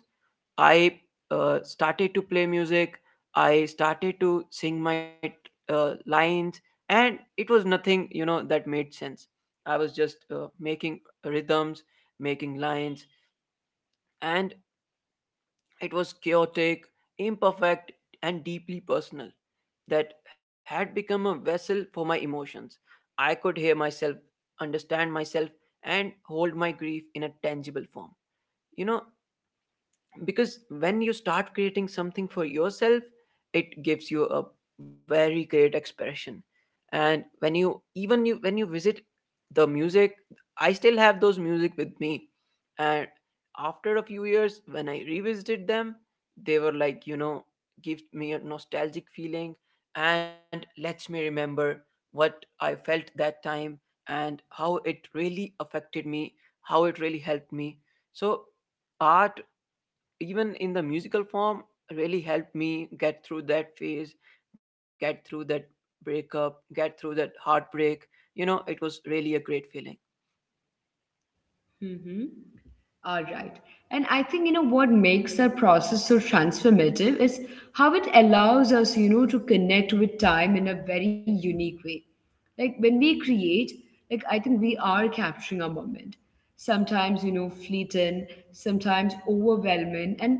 I started to play music. I started to sing my lines, and it was nothing, you know, that made sense. I was just making rhythms, making lines, and it was chaotic, imperfect, and deeply personal. That had become a vessel for my emotions. I could hear myself, understand myself, and hold my grief in a tangible form. You know, because when you start creating something for yourself it gives you a very great expression, and when you even you when you visit the music, I still have those music with me. And after a few years when I revisited them, they were like, you know, give me a nostalgic feeling and lets me remember what I felt that time and how it really affected me, how it really helped me. So art, even in the musical form, really helped me get through that phase, get through that breakup, get through that heartbreak. You know, it was really a great feeling. Mm-hmm. All right. And I think, you know, what makes that process so transformative is how it allows us, you know, to connect with time in a very unique way. Like when we create, like I think we are capturing our moment. Sometimes, you know, fleeting, sometimes overwhelming, and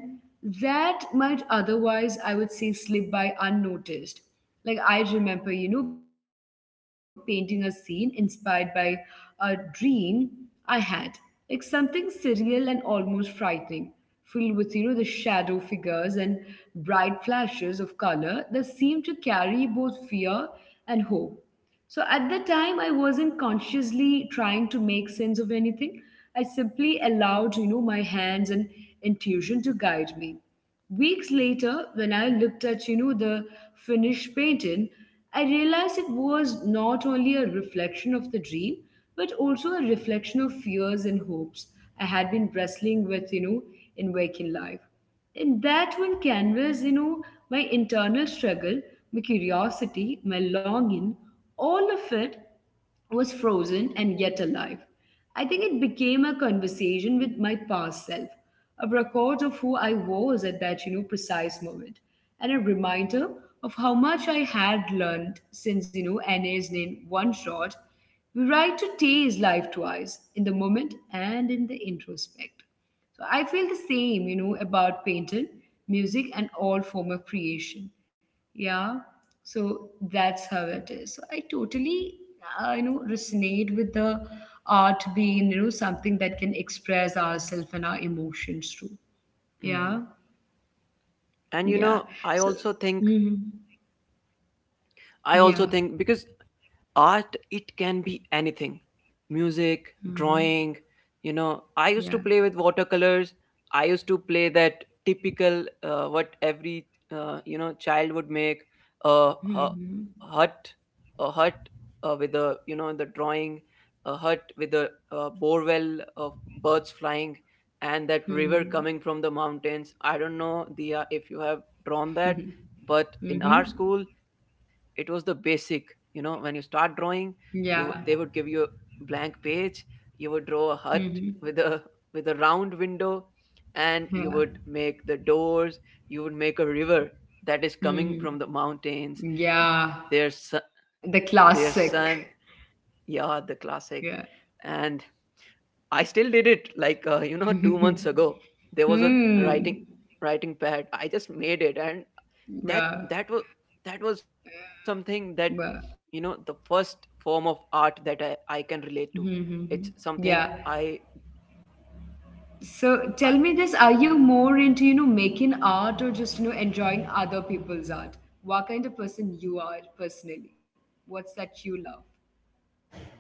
that might otherwise, I would say, slip by unnoticed. Like I remember, you know, painting a scene inspired by a dream I had. It's something surreal and almost frightening, filled with, you know, the shadow figures and bright flashes of color that seem to carry both fear and hope. So at the time, I wasn't consciously trying to make sense of anything. I simply allowed, you know, my hands and intuition to guide me. Weeks later, when I looked at, you know, the finished painting, I realized it was not only a reflection of the dream, but also a reflection of fears and hopes I had been wrestling with, you know, in waking life. In that one canvas, you know, my internal struggle, my curiosity, my longing, all of it was frozen and yet alive. I think it became a conversation with my past self, a record of who I was at that, you know, precise moment, and a reminder of how much I had learned since, you know, NA's name one shot. We write to taste life twice, in the moment and in the introspect. So I feel the same, you know, about painting, music, and all form of creation. Yeah. So that's how it is. So I totally, you know, resonate with the art being, you know, something that can express ourselves and our emotions too. Hmm. Yeah. And you Yeah. know I So also think, mhm. i also Yeah. think because art, it can be anything. Music, Hmm. drawing. You know, I used Yeah. to play with watercolors. I used to play that typical, what every you know child would make. A hut. Hmm. A hut, with a you know the drawing. A hut with a, borewell of birds flying, and that river coming Hmm. from the mountains. I don't know, Dia, if you have drawn that, Hmm. but in our Hmm. school it was the basic. You know, when you start drawing, you, they Yeah. would give you a blank page. You would draw a hut Hmm. with a, with a round window, and you would Yeah. make the doors. You would make a river that is coming from the Hmm. mountains. their su- Yeah, the their sun. classic. Yeah, the classic. Yeah. And I still did it like you know 2 months ago. There was a Hmm. writing pad. I just made it. And that, Wow. that was, that was something that, you know, Wow. the first form of art that I can relate to. Mm-hmm. It's Mm-hmm. something Yeah. I, So I tell me this, are you more into, you know, making art or just, you know, enjoying other people's art? What kind of person you are personally? What's that you love?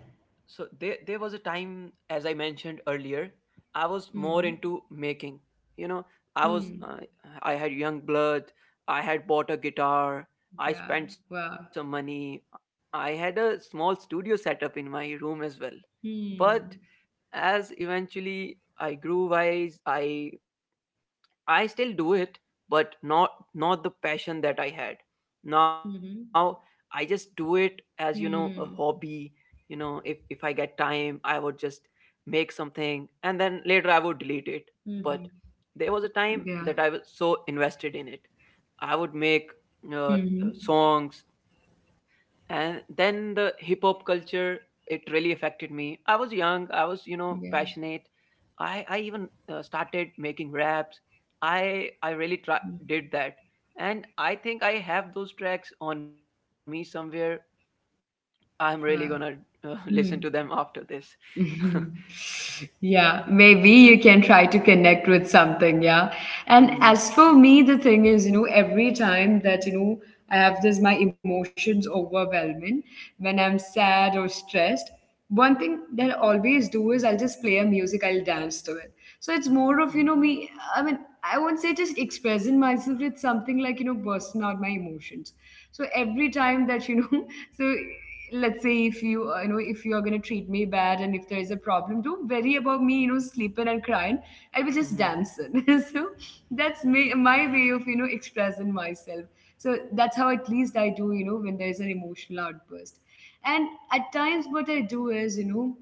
So there was a time, as I mentioned earlier, I was more into Mm-hmm. making. You know, I was Hmm. I had young blood, I had bought a guitar, I spent Yeah. some Wow. money. I had a small studio setup in my room as well. But Hmm. as eventually I grew wise, I still do it, but not the passion that I had. Mm-hmm. Now I just do it as, you Mm-hmm. know, a hobby. You know, if I get time, I would just make something, and then later I would delete it. But Mm-hmm. there was a time Yeah. that I was so invested in it. I would make uh, Mm-hmm. uh, songs, and then the hip hop culture, it really affected me. I was young, I was, you know, passionate. Yeah. I even started making raps. I really try, did that, and I think I have those tracks on me somewhere. I'm really gonna Wow. Listen to them after this. Yeah, maybe you can try to connect with something, yeah. And Mm-hmm. as for me, the thing is, you know, every time that, you know, I have this my emotions overwhelming when I'm sad or stressed, one thing that I always do is I'll just play a music, I'll dance to it. So it's more of, you know, me, I mean, I won't say just expressing myself with something like, you know, bursting out my emotions. So every time that, you know, so let's say if you, you know, if you are going to treat me bad and if there is a problem, don't worry about me, you know, sleeping and crying. I will just Mm-hmm. dance it. So that's me, my way of, you know, expressing myself. So that's how at least I do, you know, when there's an emotional outburst. And at times what I do is, you know,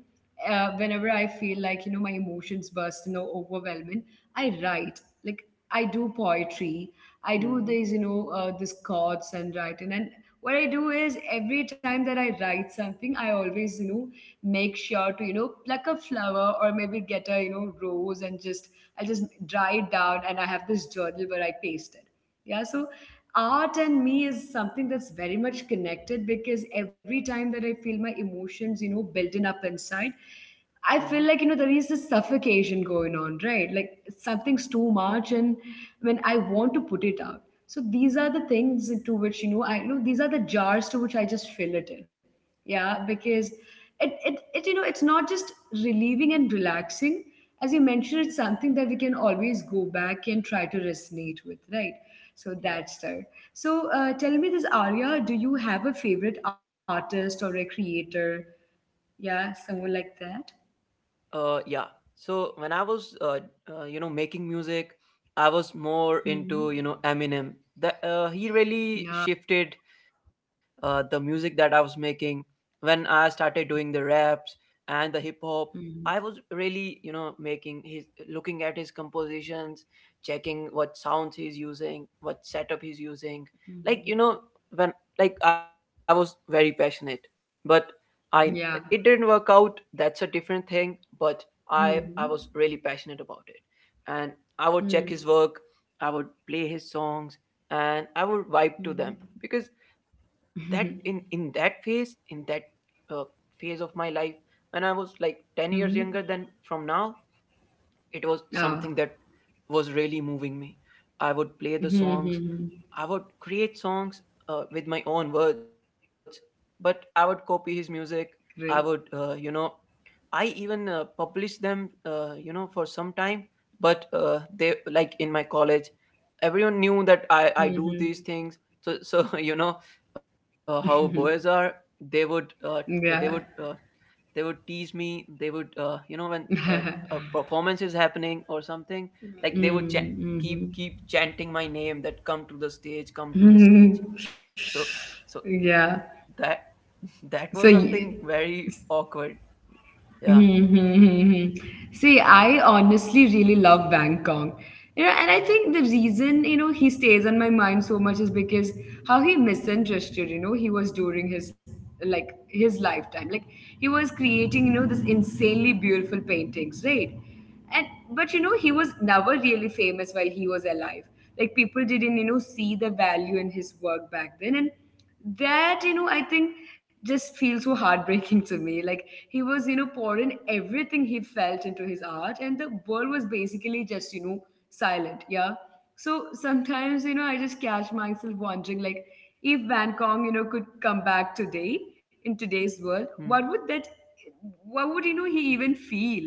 whenever I feel like, you know, my emotions burst and are overwhelming, I write. like like I do poetry, I do Mm-hmm. these, you know, this chords and writing. And what I do is every time that I write something, I always, you know, make sure to, you know, pluck a flower or maybe get a, you know, rose and just, I just dry it down and I have this journal where I paste it. Yeah. So art and me is something that's very much connected because every time that I feel my emotions, you know, building up inside, I Uh-huh. feel like, you know, there is this suffocation going on, right? Like something's too much and when I want to put it out. So these are the things to which, you know, I, you know, these are the jars to which I just fill it in. Yeah, because it, you know, it's not just relieving and relaxing. As you mentioned, it's something that we can always go back and try to resonate with, right? So Yeah. that's there. So tell me this, Arya, do you have a favorite artist or a creator? Yeah, someone like that. Yeah. So when I was, you know, making music, I was more Hmm. into, you know, Eminem. That he really Yeah. shifted the music that I was making when I started doing the raps and the hip hop. I Hmm. was really, you know, making his looking at his compositions, checking what sounds he's using, what setup he's using. Like Hmm. you know, when, like I was very passionate, but I, it Yeah. didn't work out. That's a different thing. But I was Hmm. really passionate about it, and I would Hmm. check Hmm. his work. I would play his songs, and I would vibe to them because that in that phase, in that uh, phase of my life, when I was like 10 years Hmm. younger than from now, it was Oh. something that was really moving me. I would play the songs. Hmm. I would create songs with my own words, but I would copy his music. Great. I would, you know, I even published them, you know, for some time. But they, like in my college, everyone knew that I do these Hmm. things. So so you know, how boys are. They would uh, they would uh, Yeah. they would tease me. They would you know when a performance is happening or something, like they would keep Mm-hmm. keep chanting my name, that come to the stage, come to the stage. So so Yeah. that that was something So y- very awkward. Yeah. Mm-hmm. See, Hmm. I honestly really love Bangkok. You know, and I Mhm. think the reason, you know, he stays on my mind so much is because how he misunderstood, you know, he was during his like his lifetime. Like he was Mm, creating, you know, this insanely beautiful paintings, right? and But he was never really famous while he was alive. Like, people didn't see the value in his work back then. And that, I think, just feels so heartbreaking to me. Like, he was pouring everything he felt into his art, and the world was basically just silent. Yeah. So sometimes I just catch myself wondering, like, if Van Gogh could come back today, in today's mm, world, what would he even feel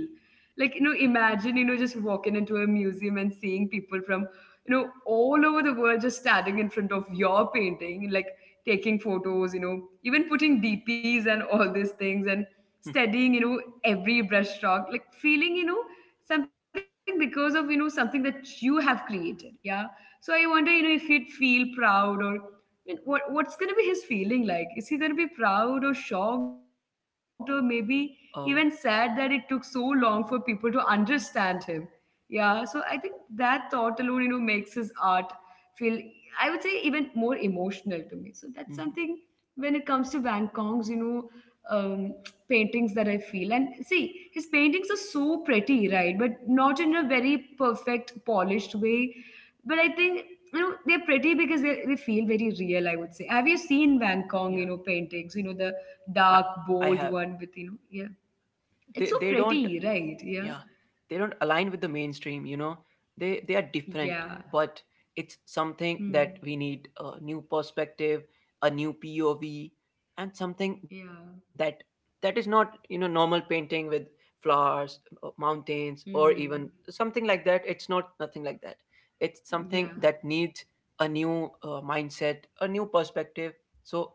like? Imagine, just walking into a museum and seeing people from all over the world, just standing in front of your painting, like taking photos, even putting dps and all these things, and mm. studying every brushstroke, like feeling something because of something that you have created. Yeah. So I wonder, if you'd feel proud, or I mean, what's gonna be his feeling like? Is he gonna be proud or shocked or maybe even sad that it Uh, took so long for people to understand him? Yeah, so I think that thought alone, makes his art feel, I would say, even more emotional to me. So that's something mhm. when it comes to Van Gogh's, um, paintings that I feel. And see, his paintings are so pretty, right? But not in a very perfect, polished way. But I think they're pretty because they feel very real, I would say. Have you seen Yeah, Van Gogh paintings, the I dark I have. bold one with, yeah? It's They so don't. pretty, right? Yeah. Yeah, they don't align with the mainstream. You know, they are different, Yeah. but it's something Hmm. that we need a new perspective, a new POV, and something that Yeah. that is not, you know, normal painting with flowers, mountains, or even Hmm. something like that. It's not, nothing like that. It's something that Yeah. needs a new mindset, a new perspective. So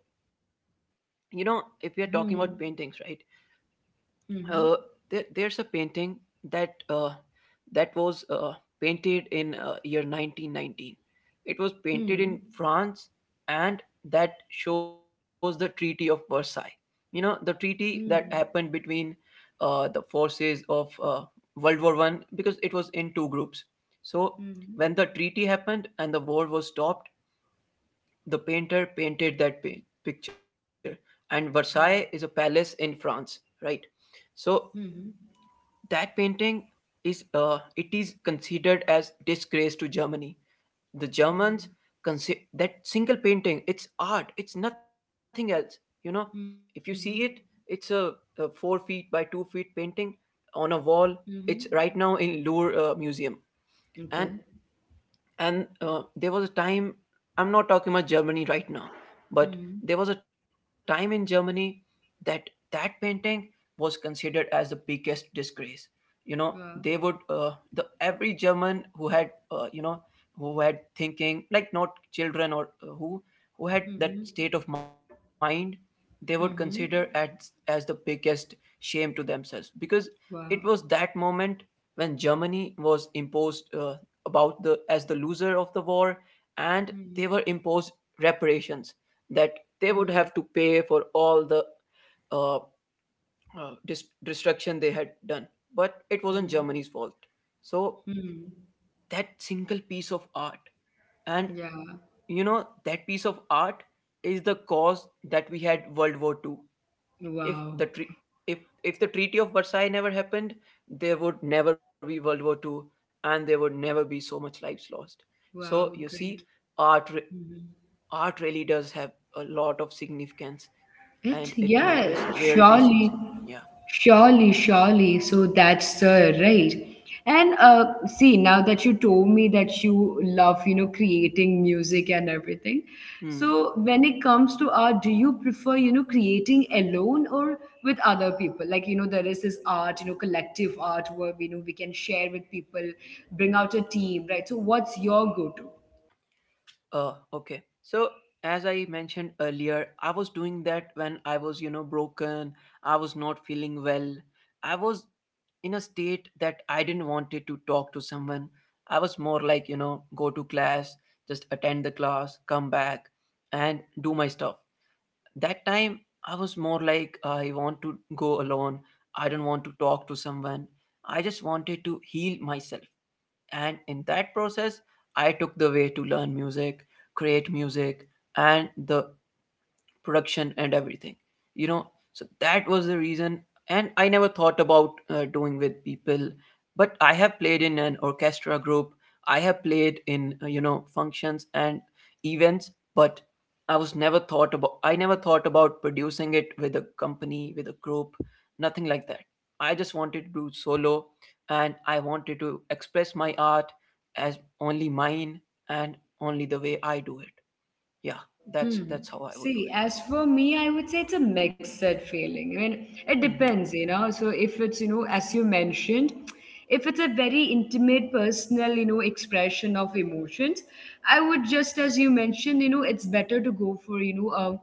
you know, if we are talking about paintings, Hmm. right, uh, Hmm. there's a painting that that was painted in year 1919. It was painted in Hmm. France, and that shows the Treaty of Versailles, you know, the treaty that Hmm. happened between the forces of world war I, because it was in two groups. So when Hmm. the treaty happened and the war was stopped, the painter painted that picture. And Versailles Oh. is a palace in France, right? So Hmm. that painting is, it is considered as disgrace to Germany. The Germans Hmm. That single painting, it's art, it's nothing else. You know, if you see Hmm. it, it's a 4 feet by 2 feet painting on a wall. It's Hmm. right now in Louvre museum. and Okay. and there was a time, I'm not talking about Germany right now, but Hmm. there was a time in Germany that that painting was considered as the biggest disgrace. You know, they would, Wow. The every German who had, you know, who had thinking like, not children or who had that Hmm. state of mind, they would consider Hmm. Hmm. As the biggest shame to themselves, because it was Wow. that moment when Germany was imposed about, the as the loser of the war, and Hmm. they were imposed reparations, that they would Hmm. have to pay for all the uh, destruction they had done. But it wasn't Hmm. Germany's fault. So Hmm. that single piece of art, and, Yeah. you know, that piece of art is the cause that we had World War Two. if the Wow. tre- if if the Treaty of Versailles never happened, there would never be World War Two, and there would never be so much lives lost. So Wow. you Great. see, art re- Mhm. art really does have a lot of significance, It's and it yeah. matters where it is Surely. using. Yeah. Surely. Surely. So that's the right. And see, now that you told me that you love, creating music and everything, Hmm. so when it comes to art, do you prefer, creating alone or with other people? Like, there is this art, collective art where we know we can share with people, bring out a team, right? So, what's your go-to? Okay, so as I mentioned earlier, I was doing that when I was, you know, broken. I was not feeling well. I was in a state that I didn't wanted to talk to someone. I was more like, you know, go to class, just attend the class, come back, and do my stuff. That time, I was more like, I want to go alone. I don't want to talk to someone. I just wanted to heal myself. And in that process, I took the way to learn music, create music, and the production and everything, you know. So that was the reason. And I never thought about doing with people, but I have played in an orchestra group. I have played in you know functions and events. But I never thought about producing it with a company, with a group. Nothing like that. I just wanted to do solo, and I wanted to express my art as only mine, and only the way I do it. Yeah, that's Hmm. that's how I would do See, it. as for me, I would say it's a mixed feeling. I mean, it Mm-hmm. depends. So if it's, as you mentioned, if it's a very intimate, personal, expression of emotions, I would just, as you mentioned, it's better to go for,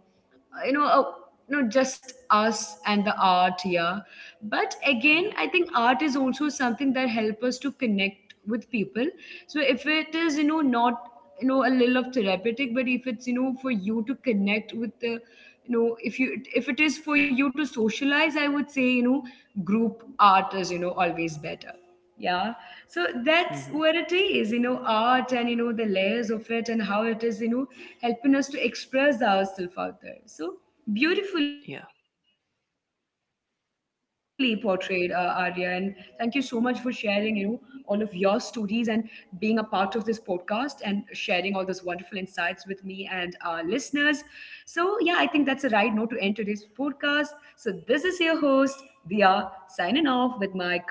uh, you know, uh, just us and the art, yeah. But again, Yeah. I think art is also something that help us to connect with people. So if it is, not, a little of therapeutic, but if it's, for you to connect with the, if it is for you to socialize, I would say, group art is, always better. Yeah. So that's Hmm. where it is, art and, the layers of it and how it is, helping us to express ourselves out there. So beautifully Yeah. portrayed, Arya. And thank you so much for sharing, all of your stories and being a part of this podcast and sharing all those wonderful insights with me and our listeners. So, yeah, I think that's the right note to end today's podcast. So, this is your host, Dia, signing off with my co host,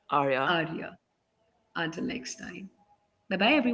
Arya, Until next time. Bye bye, everyone.